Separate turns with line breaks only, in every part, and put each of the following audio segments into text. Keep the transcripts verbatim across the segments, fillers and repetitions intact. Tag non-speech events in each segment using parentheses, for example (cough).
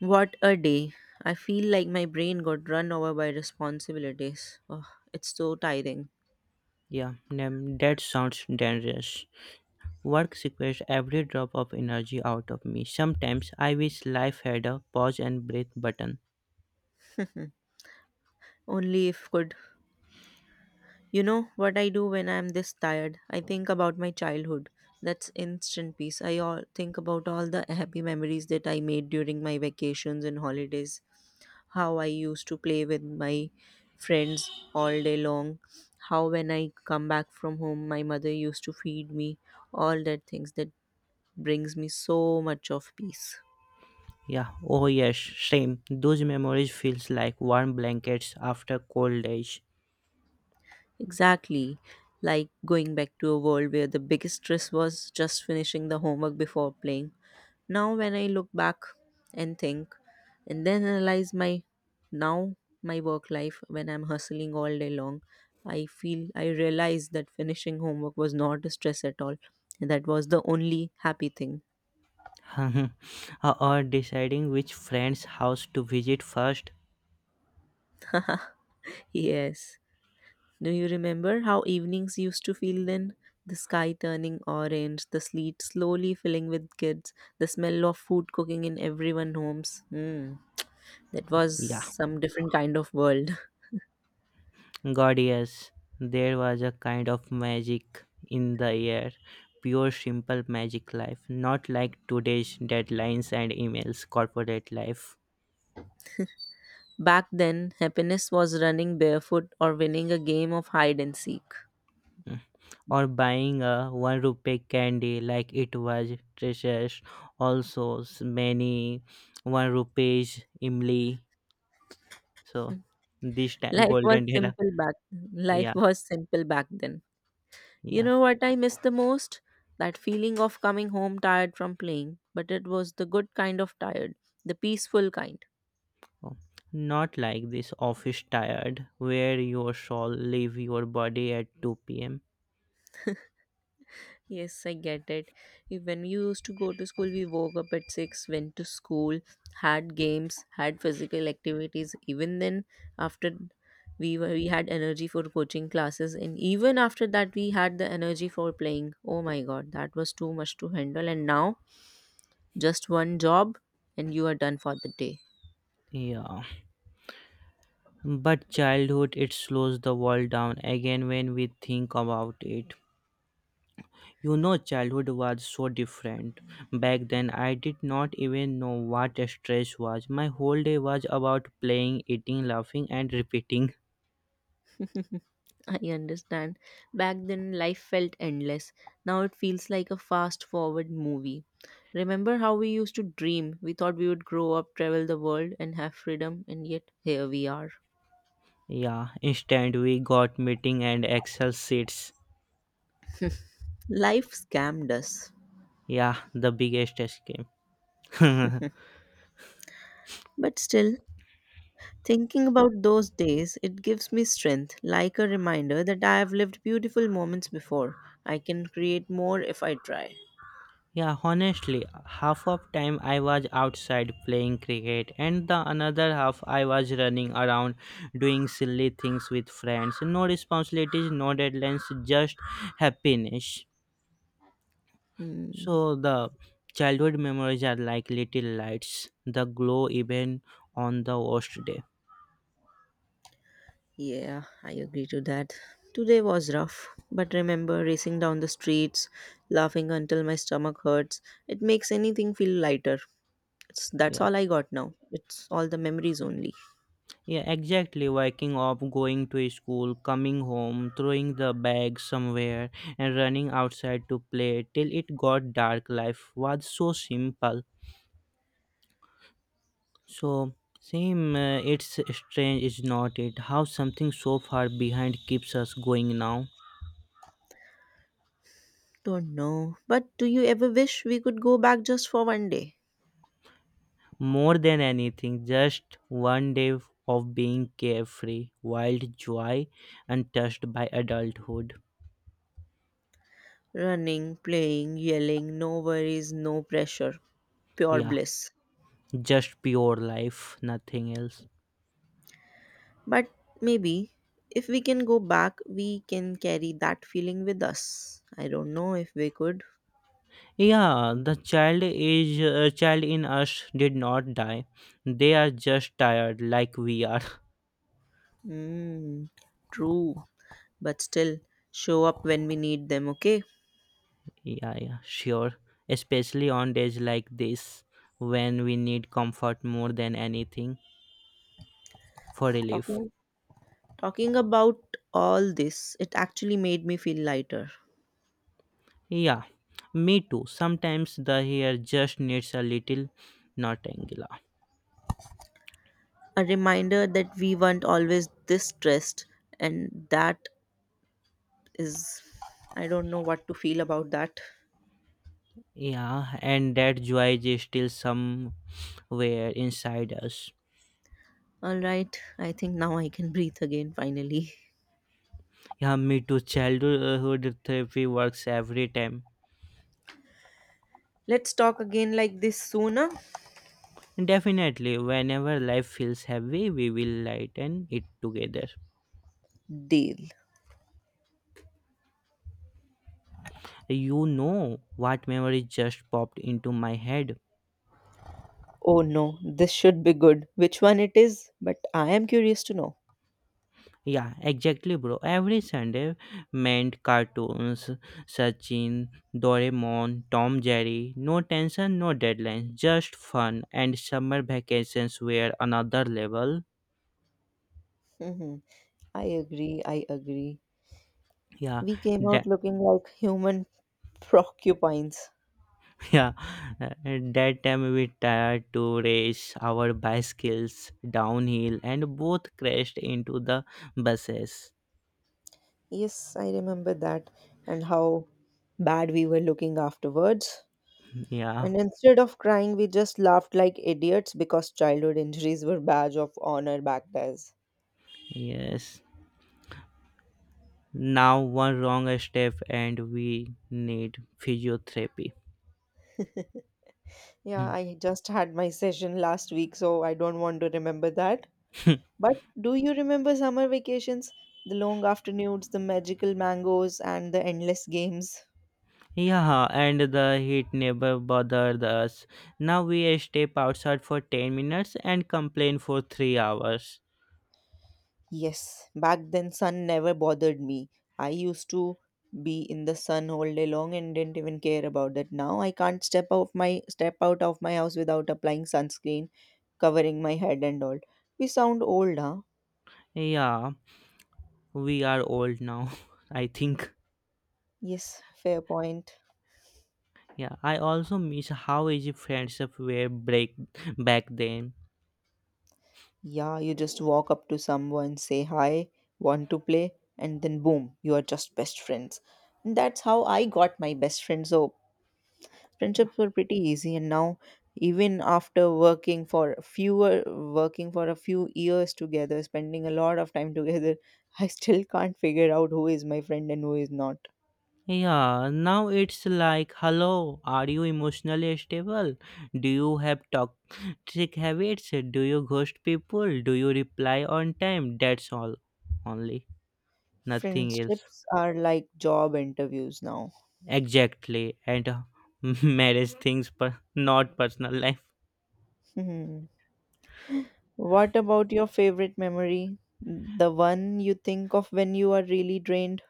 What a day. I feel like my brain got run over by responsibilities. Oh, it's so tiring.
Yeah, nam- that sounds dangerous. Work secures every drop of energy out of me. Sometimes I wish life had a pause and breathe button.
Only if could. You know what I do when I'm this tired? I think about my childhood. That's instant peace. I all think about all the happy memories that I made during my vacations and holidays. How I used to play with my friends all day long. How when I come back from home my mother used to feed me. All that things that brings me so much of peace.
Yeah, oh yes, same. Those memories feels like warm blankets after cold days.
Exactly. Like going back to a world where the biggest stress was just finishing the homework before playing. Now, when I look back and think, and then analyze my now my work life when I'm hustling all day long, I feel I realize that finishing homework was not a stress at all, and that was the only happy thing.
(laughs) Or deciding which friend's house to visit first.
(laughs) Yes. Do you remember how evenings used to feel then? The sky turning orange, the sleet slowly filling with kids, the smell of food cooking in everyone's homes. Hmm, that was
Yeah,
some different kind of world. (laughs)
God, yes, there was a kind of magic in the air, pure, simple magic life, not like today's deadlines and emails, corporate life,
Back then, happiness was running barefoot or winning a game of hide and seek.
mm, or buying a one rupee candy like it was treasures, also s- many one rupees imli. So, this time,
Life was
golden era,
simple back
yeah,
Life was simple back then. You
yeah.
know what I miss the most? That feeling of coming home tired from playing, but it was the good kind of tired, the peaceful kind.
Oh, not like this office tired where your soul leave your body at two p.m.
Yes, I get it. If- When we used to go to school, we woke up at six, went to school, had games, had physical activities. Even then, after we were, we had energy for coaching classes, and even after that, we had the energy for playing. Oh my god, that was too much to handle. And now, just one job, and you are done for the day.
Yeah, but childhood it slows the world down again when we think about it. You know, childhood was so different. Back then, I did not even know what stress was. My whole day was about playing, eating, laughing, and repeating.
(laughs) I understand. Back then, life felt endless. Now it feels like a fast forward movie. Remember how we used to dream? We thought we would grow up, travel the world, and have freedom, and yet here we are.
Yeah, instead, we got meeting and Excel sheets.
Life scammed us.
Yeah, the biggest escape. (laughs)
But still, thinking about those days, it gives me strength, like a reminder that I have lived beautiful moments before. I can create more if I try.
Yeah, honestly, half of time I was outside playing cricket and the another half I was running around doing silly things with friends. No responsibilities, no deadlines, just happiness.
Hmm.
So the childhood memories are like little lights, the glow even on the worst day.
Yeah, I agree to that. Today was rough, but remember racing down the streets, laughing until my stomach hurts. It makes anything feel lighter. It's, that's
Yeah.
all I got now. It's all the memories only.
Yeah, exactly. Waking up, going to school, coming home, throwing the bag somewhere, and running outside to play till it got dark. Life was so simple. So, same, uh, it's strange, is not it? How something so far behind keeps us going now.
Don't know. But do you ever wish we could go back just for one day?
More than anything, just one day of being carefree, wild joy, untouched by adulthood.
Running, playing, yelling, no worries, no pressure, pure
Yeah,
bliss.
just pure life, nothing else.
But maybe if we can go back, we can carry that feeling with us. I don't know if we could.
Yeah, the child is uh, child in us did not die. They are just tired like we are. (laughs)
Mm, true, but still show up when we need them, okay?
Yeah, yeah, sure. Especially on days like this when we need comfort more than anything for relief.
Talking talking about all this, it actually made me feel lighter.
Yeah, me too. Sometimes the hair just needs a little notangla.
A reminder that we weren't always this stressed, and that is, I don't know what to feel about that.
Yeah, and that joy is still somewhere inside us.
All right, I think now I can breathe again finally.
Yeah, me too. Childhood therapy works every time.
Let's talk again like this sooner.
Definitely, whenever life feels heavy, we will lighten it together.
Deal.
You know what memory just popped into my head?
Oh no, this should be good. Which one it is? But I am curious to know.
Yeah, exactly, bro. Every Sunday meant cartoons, Sachin, Doraemon, Tom Jerry. No tension, no deadlines, just fun. And summer vacations were another level.
Mhm. I agree. I agree.
Yeah.
We came out looking like human (laughs) porcupines.
Yeah, uh, that time we tried to race our bicycles downhill and both crashed into the buses.
Yes, I remember that and how bad we were looking afterwards.
Yeah,
And instead of crying, we just laughed like idiots because childhood injuries were badge of honor back then.
yes. Now one wrong step and we need physiotherapy.
(laughs) Yeah,
Hmm.
I just had my session last week, so I don't want to remember that. But do you remember summer vacations? The long afternoons, the magical mangoes, and the endless games.
(laughs) Yeah, and the heat never bothered us. Now we step outside for ten minutes and complain for three hours.
Yes, back then sun never bothered me. I used to be in the sun all day long and didn't even care about that. Now I can't step out my step out of my house without applying sunscreen, covering my head and all. We sound old, huh?
Yeah, we are old now, (laughs) I think.
Yes, fair point.
Yeah, I also miss how easy friendship were break back then.
Yeah, you just walk up to someone, say hi, want to play, and then boom, you are just best friends. And that's how I got my best friends. So friendships were pretty easy and now even after working for fewer working for a few years together, spending a lot of time together, (laughs) I still can't figure out who is my friend and who is not.
Yeah, now it's like, hello, are you emotionally stable? Do you have toxic habits? Do you ghost people? Do you reply on time? That's all, only nothing else.
Friendships are like job interviews now.
Exactly, and uh, (laughs) marriage things, but not personal life.
Hmm. What about your favorite memory, the one you think of when you are really drained?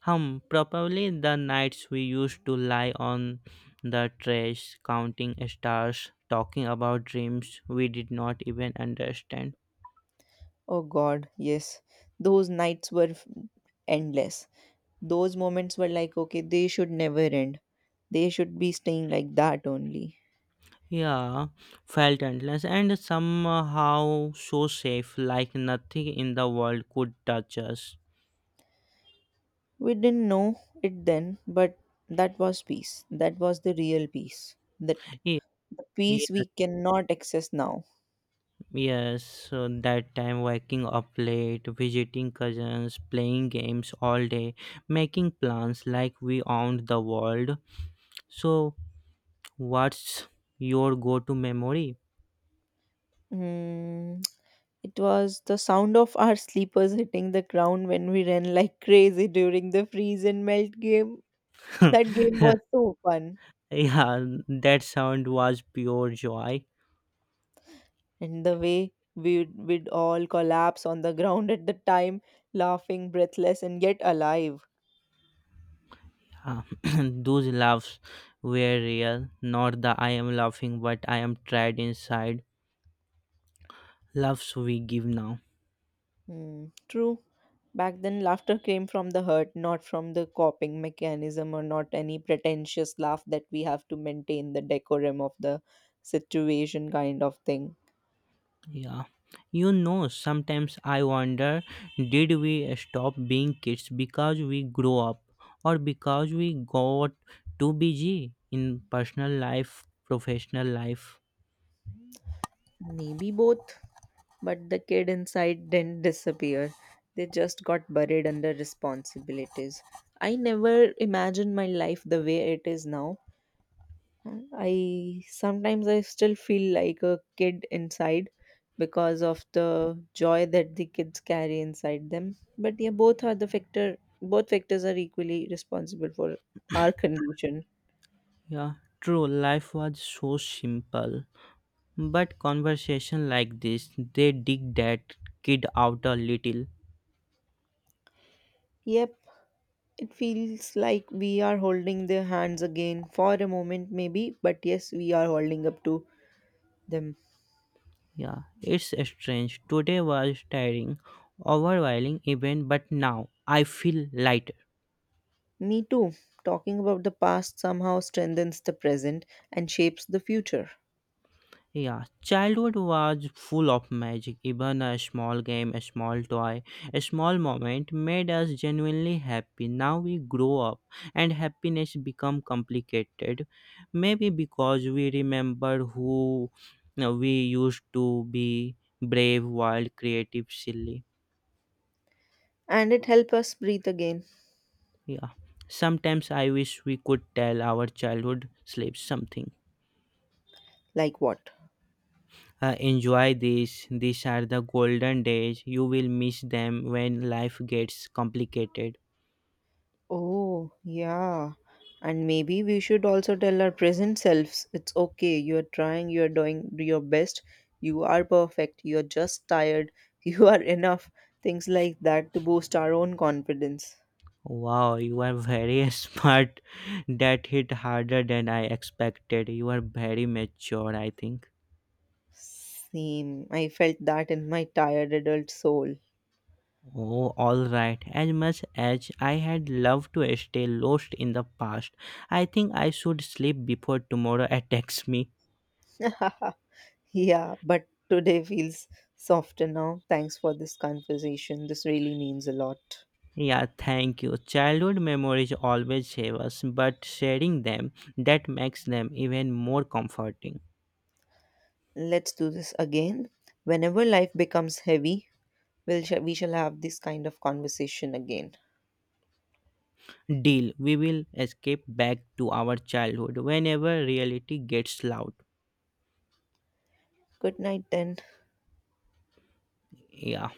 Hum, probably the nights we used to lie on the trash, counting stars, talking about dreams we did not even understand.
Oh god, yes, those nights were f- endless. Those moments were like, okay, they should never end. They should be staying like that only.
Yeah, felt endless and somehow so safe, like nothing in the world could touch us.
We didn't know it then, but that was peace. That was the real peace. That,
Ye-
the peace
Yes,
we cannot access now.
yes. So that time, waking up late, visiting cousins, playing games all day, making plans like we owned the world. So, what's your go to memory?
Mm, it was the sound of our sleepers hitting the ground when we ran like crazy during the freeze and melt game. That
(laughs)
game
Yeah,
was so fun.
that sound was pure joy.
And the way we would, we'd all collapse on the ground at the time, laughing, breathless, and yet alive.
Uh, (clears throat) Those laughs were real, not the I am laughing, but I am tried inside. Laughs we give now.
Hmm, true. Back then, laughter came from the hurt, not from the coping mechanism or not any pretentious laugh that we have to maintain the decorum of the situation kind of thing.
Yeah. You know, sometimes I wonder, did we stop being kids because we grow up or because we got too busy in personal life, professional life?
Maybe both, but the kid inside didn't disappear. They just got buried under responsibilities. I never imagined my life the way it is now. I sometimes I still feel like a kid inside because of the joy that the kids carry inside them. But yeah, both are the factor. Both factors are equally responsible for our condition.
Yeah, true. Life was so simple. But conversation like this, they dig that kid out a little.
Yep, it feels like we are holding their hands again for a moment, maybe. But yes, we are holding up to them.
Yeah, it's strange. Today was tiring, overwhelming even, but now I feel lighter.
Me too. Talking about the past somehow strengthens the present and shapes the future,
Yeah, childhood was full of magic. Even a small game, a small toy, a small moment made us genuinely happy. Now we grow up and happiness become complicated. Maybe because we remember who uh, we used to be brave, wild, creative, silly.
and it helps us breathe again.
Yeah. Sometimes I wish we could tell our childhood slaves something.
Like what?
Uh, enjoy this. These are the golden days. You will miss them when life gets complicated.
Oh, yeah. And maybe we should also tell our present selves, it's okay, you're trying, you're doing your best, you are perfect, you're just tired, (laughs) you are enough. Things like that to boost our own confidence.
Wow, you are very (laughs) smart. That hit harder than I expected. You are very mature, I think.
Same. I felt that in my tired adult soul.
Oh, alright. As much as I had loved to stay lost in the past, I think I should sleep before tomorrow (laughs) attacks me.
(laughs) Yeah, but today feels softer now. Thanks for this conversation. This really means a lot.
Yeah, thank you. Childhood memories always save us, but sharing them, that makes them even more comforting.
Let's do this again. Whenever life becomes heavy, we'll sh- we shall have this kind of conversation again.
Deal. We will escape back to our childhood whenever reality gets loud.
Good night then.
Yeah.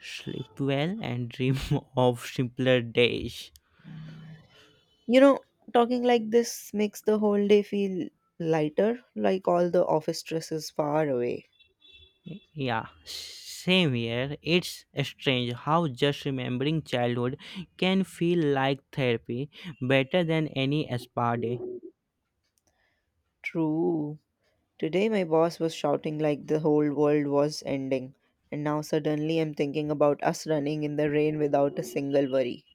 Sleep well and dream (laughs) of simpler days.
You know, talking like this makes the whole day feel lighter, like all the office stress is far away.
Yeah. Same here. It's strange how just remembering childhood can feel like therapy, better than any spa day.
True. Today my boss was shouting like the whole world was ending, and now suddenly I'm thinking about us running in the rain without a single worry.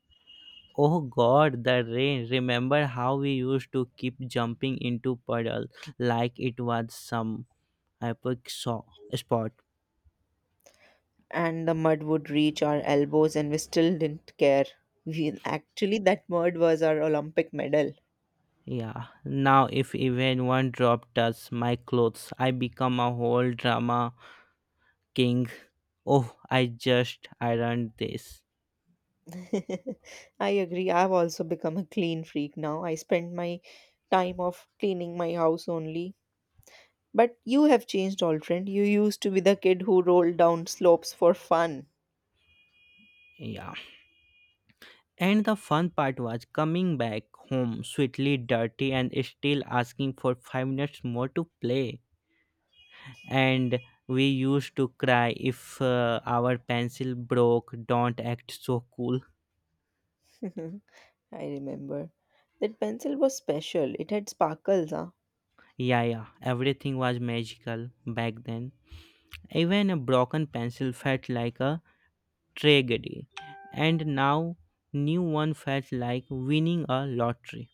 Oh god, the rain. Remember how we used to keep jumping into puddles like it was some epic saw spot.
And the mud would reach our elbows and we still didn't care. We actually, that mud was our Olympic medal.
Yeah, now if even one drop touches my clothes, I become a whole drama king. Oh, I just ironed this.
(laughs) I agree. I've also become a clean freak now. I spend my time of cleaning my house only. But you have changed, old friend. You used to be the kid who rolled down slopes for fun.
Yeah. And the fun part was coming back home sweetly dirty and still asking for five minutes more to play. And we used to cry if uh, our pencil broke, don't act so cool.
(laughs) I remember. That pencil was special. It had sparkles, huh?
Yeah, yeah, everything was magical back then. Even a broken pencil felt like a tragedy, and now new one felt like winning a lottery.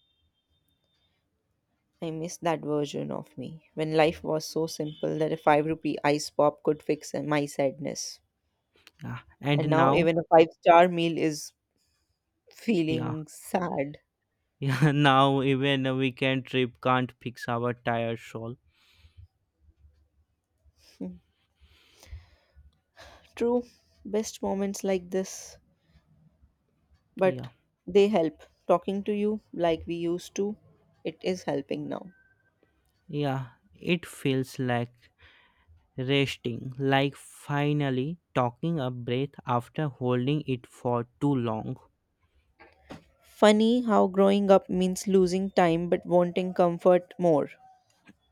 I miss that version of me when life was so simple that a five rupee ice pop could fix my sadness.
Yeah. And
And now
now,
even a five star meal is
yeah,
feeling sad.
(laughs) yeah, now even a weekend trip can't fix our tired soul.
True. Best moments like this, but
Yeah,
they help. Talking to you like we used to, it is helping now.
yeah, it feels like resting, like finally talking a breath after holding it for too long.
Funny how growing up means losing time but wanting comfort more.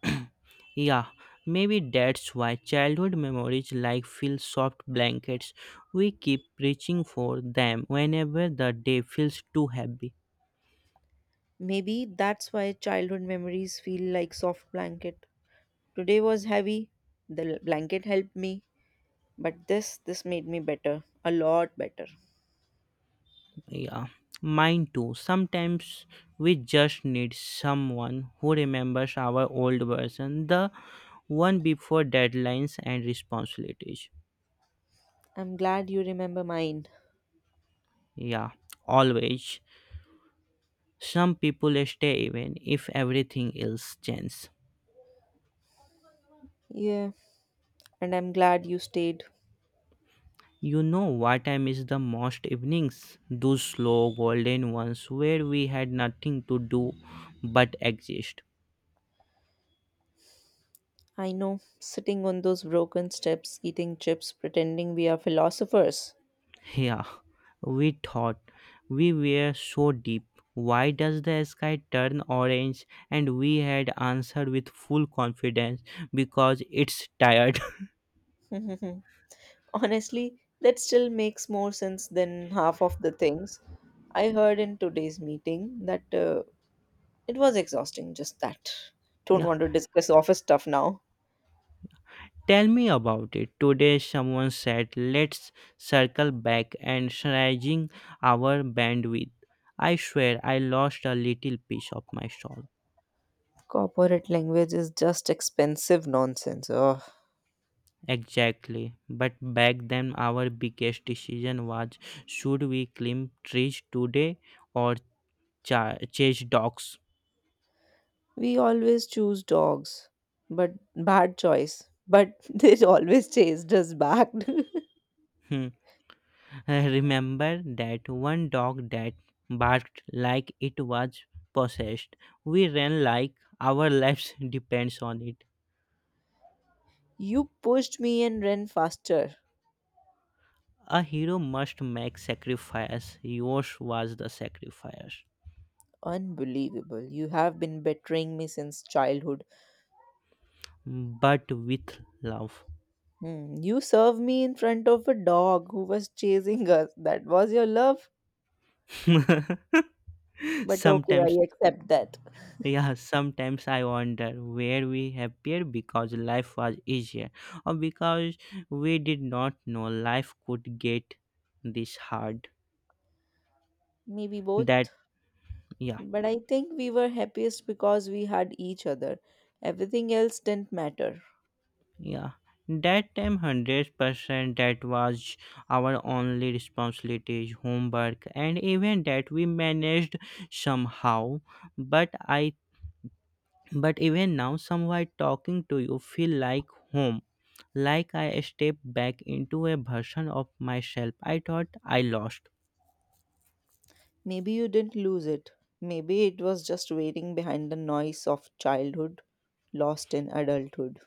(clears throat) Yeah, maybe that's why childhood memories like feel soft blankets. We keep reaching for them whenever the day feels too heavy.
Maybe that's why childhood memories feel like soft blanket. Today was heavy, the l- blanket helped me, but this this made me better, a lot better.
Yeah, mine too. Sometimes we just need someone who remembers our old version, the one before deadlines and responsibilities.
I'm glad you remember mine.
Yeah, always. Some people stay even if everything else changes.
Yeah, and I'm glad you stayed.
You know what I miss the most evenings? Those slow golden ones where we had nothing to do but exist.
I know, sitting on those broken steps, eating chips, pretending we are philosophers.
Yeah, we thought we were so deep. Why does the sky turn orange? And we had answered with full confidence, because it's tired.
(laughs) Honestly, that still makes more sense than half of the things I heard in today's meeting, that uh, it was exhausting, just that.
(laughs)
Don't
Yeah,
want to discuss office stuff now.
tell me about it. Today, someone said, let's circle back and stretching our bandwidth. I swear I lost a little piece of my soul.
Corporate language is just expensive nonsense. Ugh.
Exactly. But back then, our biggest decision was, should we climb trees today? Or cha- chase dogs.
We always choose dogs, but bad choice. But (laughs) they always chased us back.
Hmm. (laughs) I remember that one dog that barked like it was possessed. We ran like our lives (laughs) depends on it.
(laughs) You pushed me and ran faster.
A hero must make sacrifice. Yours was the sacrifice,
Unbelievable. You have been betraying me since childhood.
but with love.
Hmm, you served me in front of a dog who was chasing us. That was your love?
(laughs)
But okay,
Sometimes,
I accept that.
yeah, sometimes I wonder where we happier because life was easier, or because we did not know life could get this hard.
Maybe
That
both.
yeah
But I think we were happiest because we had each other. Everything else didn't matter.
yeah, that time one hundred percent that was our only responsibilities homework, and even that we managed somehow, but i but even now somewhat talking to you feel like home, like I step back into a version of myself I thought I lost.
Maybe you didn't lose it. Maybe it was just waiting behind the noise of childhood, lost in adulthood.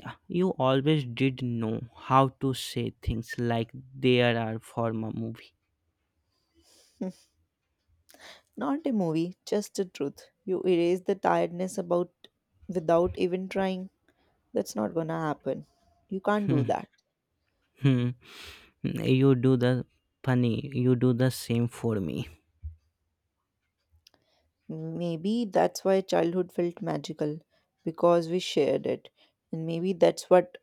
Yeah, you always did know how to say things like there are for a movie.
Not a movie, just the truth. You erase the tiredness about without even trying. That's not gonna happen. You can't do that.
(laughs) You do the funny, you do the same for me.
Maybe that's why childhood felt magical because we shared it. And maybe that's what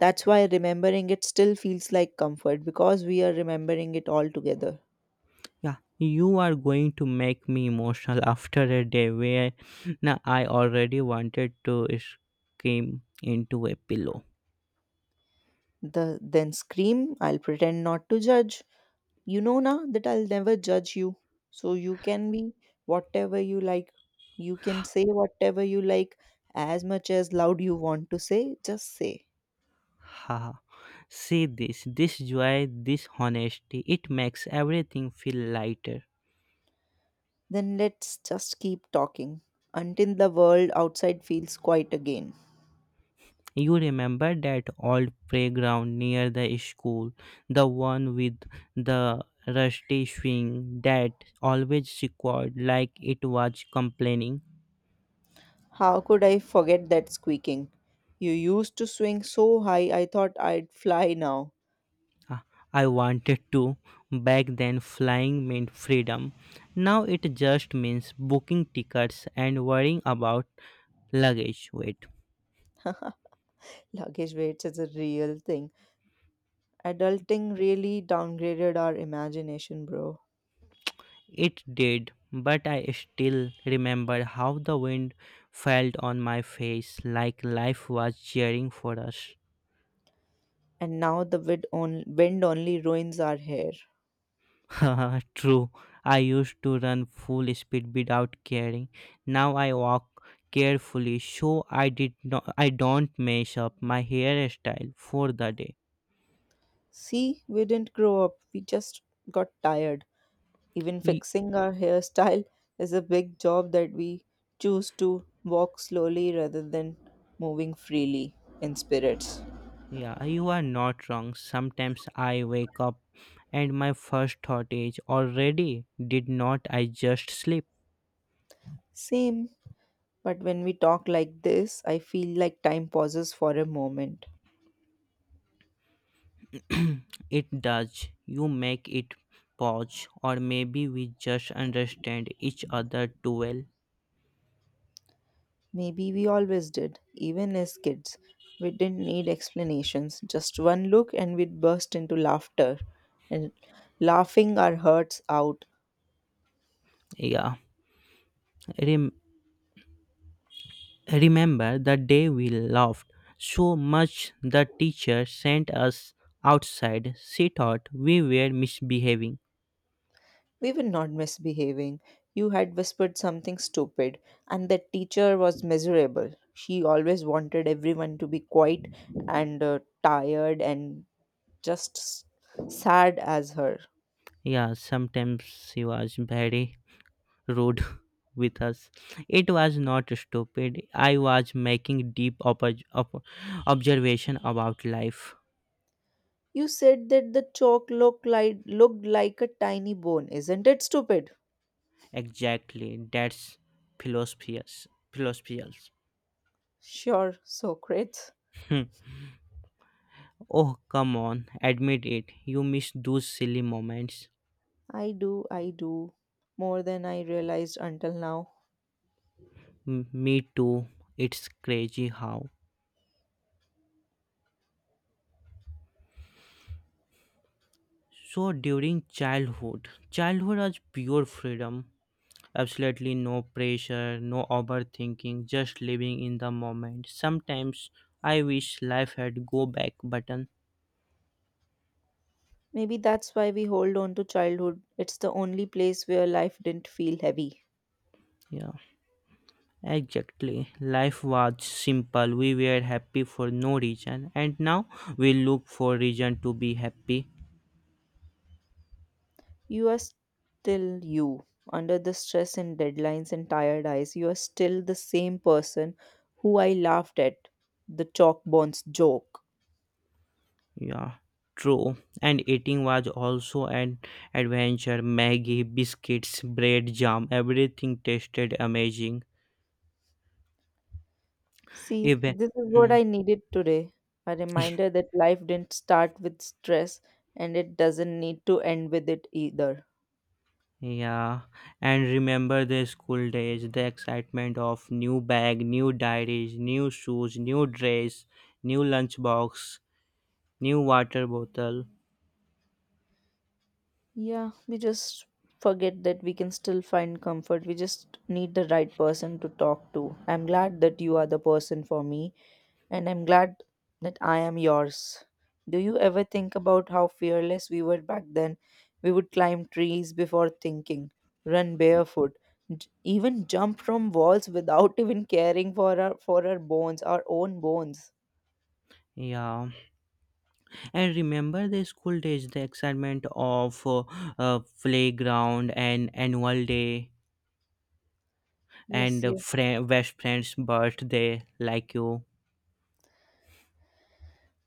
that's why remembering it still feels like comfort because we are remembering it all together.
Yeah, you are going to make me emotional after a day where now I already wanted to scream into a pillow.
The then scream, I'll pretend not to judge. You know now that I'll never judge you. So you can be whatever you like. You can say whatever you like, as much as loud you want to say, just say.
Haha. See this, this joy, this honesty, it makes everything feel lighter.
Then let's just keep talking until the world outside feels quiet again.
You remember that old playground near the school, the one with the rusty swing that always squawked like it was complaining?
How could I forget that squeaking? You used to swing so high I thought I'd fly now.
Ah, I wanted to. Back then, flying meant freedom. Now it just means booking tickets and worrying about luggage weight.
(laughs) Luggage weights is a real thing. Adulting really downgraded our imagination, bro.
It did, but I still remember how the wind felt on my face like life was cheering for us.
And now the wind, on- wind only ruins our hair.
(laughs) True, I used to run full speed without caring. Now I walk carefully so I did not I don't mess up my hairstyle for the day.
See, we didn't grow up, we just got tired. Even fixing our hairstyle is a big job that we choose to walk slowly rather than moving freely in spirits.
Yeah, you are not wrong. Sometimes I wake up and my first thought is already, did not I just sleep?
Same. But when we talk like this, I feel like time pauses for a moment.
It does. You make it pause, or maybe we just understand each other too well.
Maybe we always did, even as kids. We didn't need explanations, just one look and we'd burst into laughter. And laughing our hurts out,
Yeah, Rem- remember the day we laughed so much the teacher sent us outside. She thought we were misbehaving.
we were not misbehaving. You had whispered something stupid, and the teacher was miserable. She always wanted everyone to be quiet and uh, tired and just s- sad as her.
Yeah, sometimes she was very road (laughs) with us. It was not stupid. I was making deep oppo- op- observation about life.
You said that the chalk looked like, looked like a tiny bone. Isn't it stupid?
Exactly, that's philosophies. Philosophials.
Sure, Socrates.
Hmm. Oh, come on, admit it. You miss those silly moments.
I do, I do. More than I realized until now.
M- me too. It's crazy how. So during childhood, childhood was pure freedom. Absolutely no pressure, no overthinking, just living in the moment. Sometimes I wish life had go back button.
Maybe that's why we hold on to childhood. It's the only place where life didn't feel heavy.
Yeah, exactly. Life was simple. We were happy for no reason, and now we look for reason to be happy.
You are still you. Under the stress and deadlines and tired eyes, you are still the same person who I laughed at. The chalk bones joke.
Yeah, true. And eating was also an adventure. Maggie, biscuits, bread, jam, everything tasted amazing.
See,
Even
this is what
hmm.
I needed today, a reminder that life didn't start with stress and it doesn't need to end with it either.
Yeah, and remember the school days, the excitement of new bag, new diaries, new shoes, new dress, new lunchbox, new water bottle.
Yeah, we just forget that we can still find comfort. We just need the right person to talk to. I'm glad that you are the person for me, and I'm glad that I am yours. Do you ever think about how fearless we were back then? We would climb trees before thinking, run barefoot, j- even jump from walls without (laughs) even caring for our for our bones, our own bones.
Yeah, and remember the school days, the excitement of uh, uh, playground and annual day
Yes,
and uh,
yes.
friend, best friend's birthday, like you.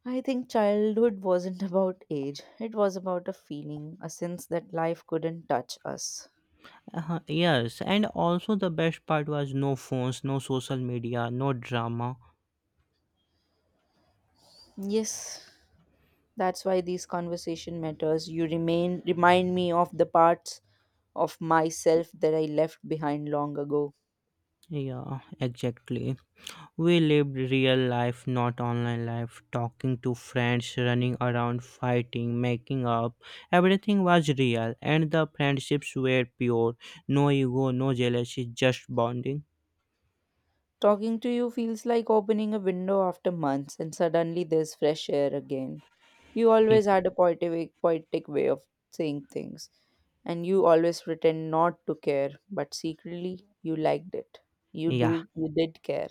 I think childhood wasn't about age. It was about a feeling, a sense that life couldn't touch us.
Uh, yes, and also the best part was no phones, no social media, no drama.
Yes, that's why these conversation matters. You remain remind me of the parts of myself that I left behind long ago.
Yeah, exactly. We lived real life, not online life, talking to friends, running around, fighting, making up. Everything was real, and the friendships were pure. No ego, no jealousy, just bonding.
Talking to you feels like opening a window after months, and suddenly there's fresh air again. You always
(laughs)
had a poetic, poetic way of saying things, and you always pretend not to care, but secretly you liked it. You
Yeah,
do, you did care.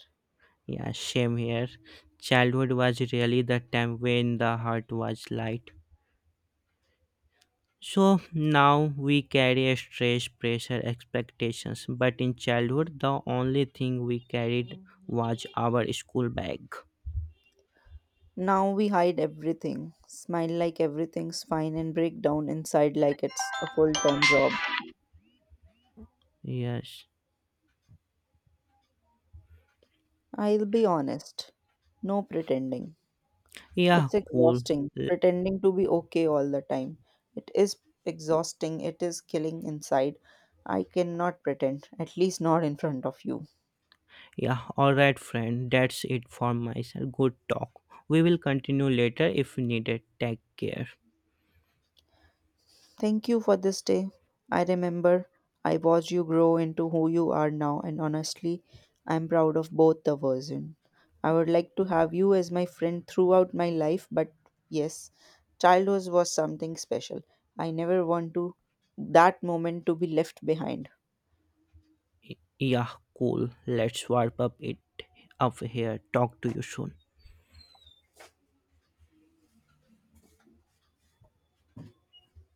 yeah, same here. Childhood was really the time when the heart was light. So now we carry a stress, pressure, expectations, but in childhood, the only thing we carried was our school bag.
Now we hide everything, smile like everything's fine, and break down inside like it's a full time job.
Yes.
I'll be honest, no pretending.
Yeah,
It's
cool.
exhausting
L-
pretending to be okay all the time. It is exhausting. It is killing inside. I cannot pretend, at least not in front of you.
Yeah, alright, friend. That's it for myself. Good talk. We will continue later if needed. Take care.
Thank you for this day. I remember I watched you grow into who you are now, and honestly, I'm proud of both the version. I would like to have you as my friend throughout my life, but yes, childhood was something special. I never want to that moment to be left behind.
Yeah, cool. Let's wrap up it up here. Talk to you soon.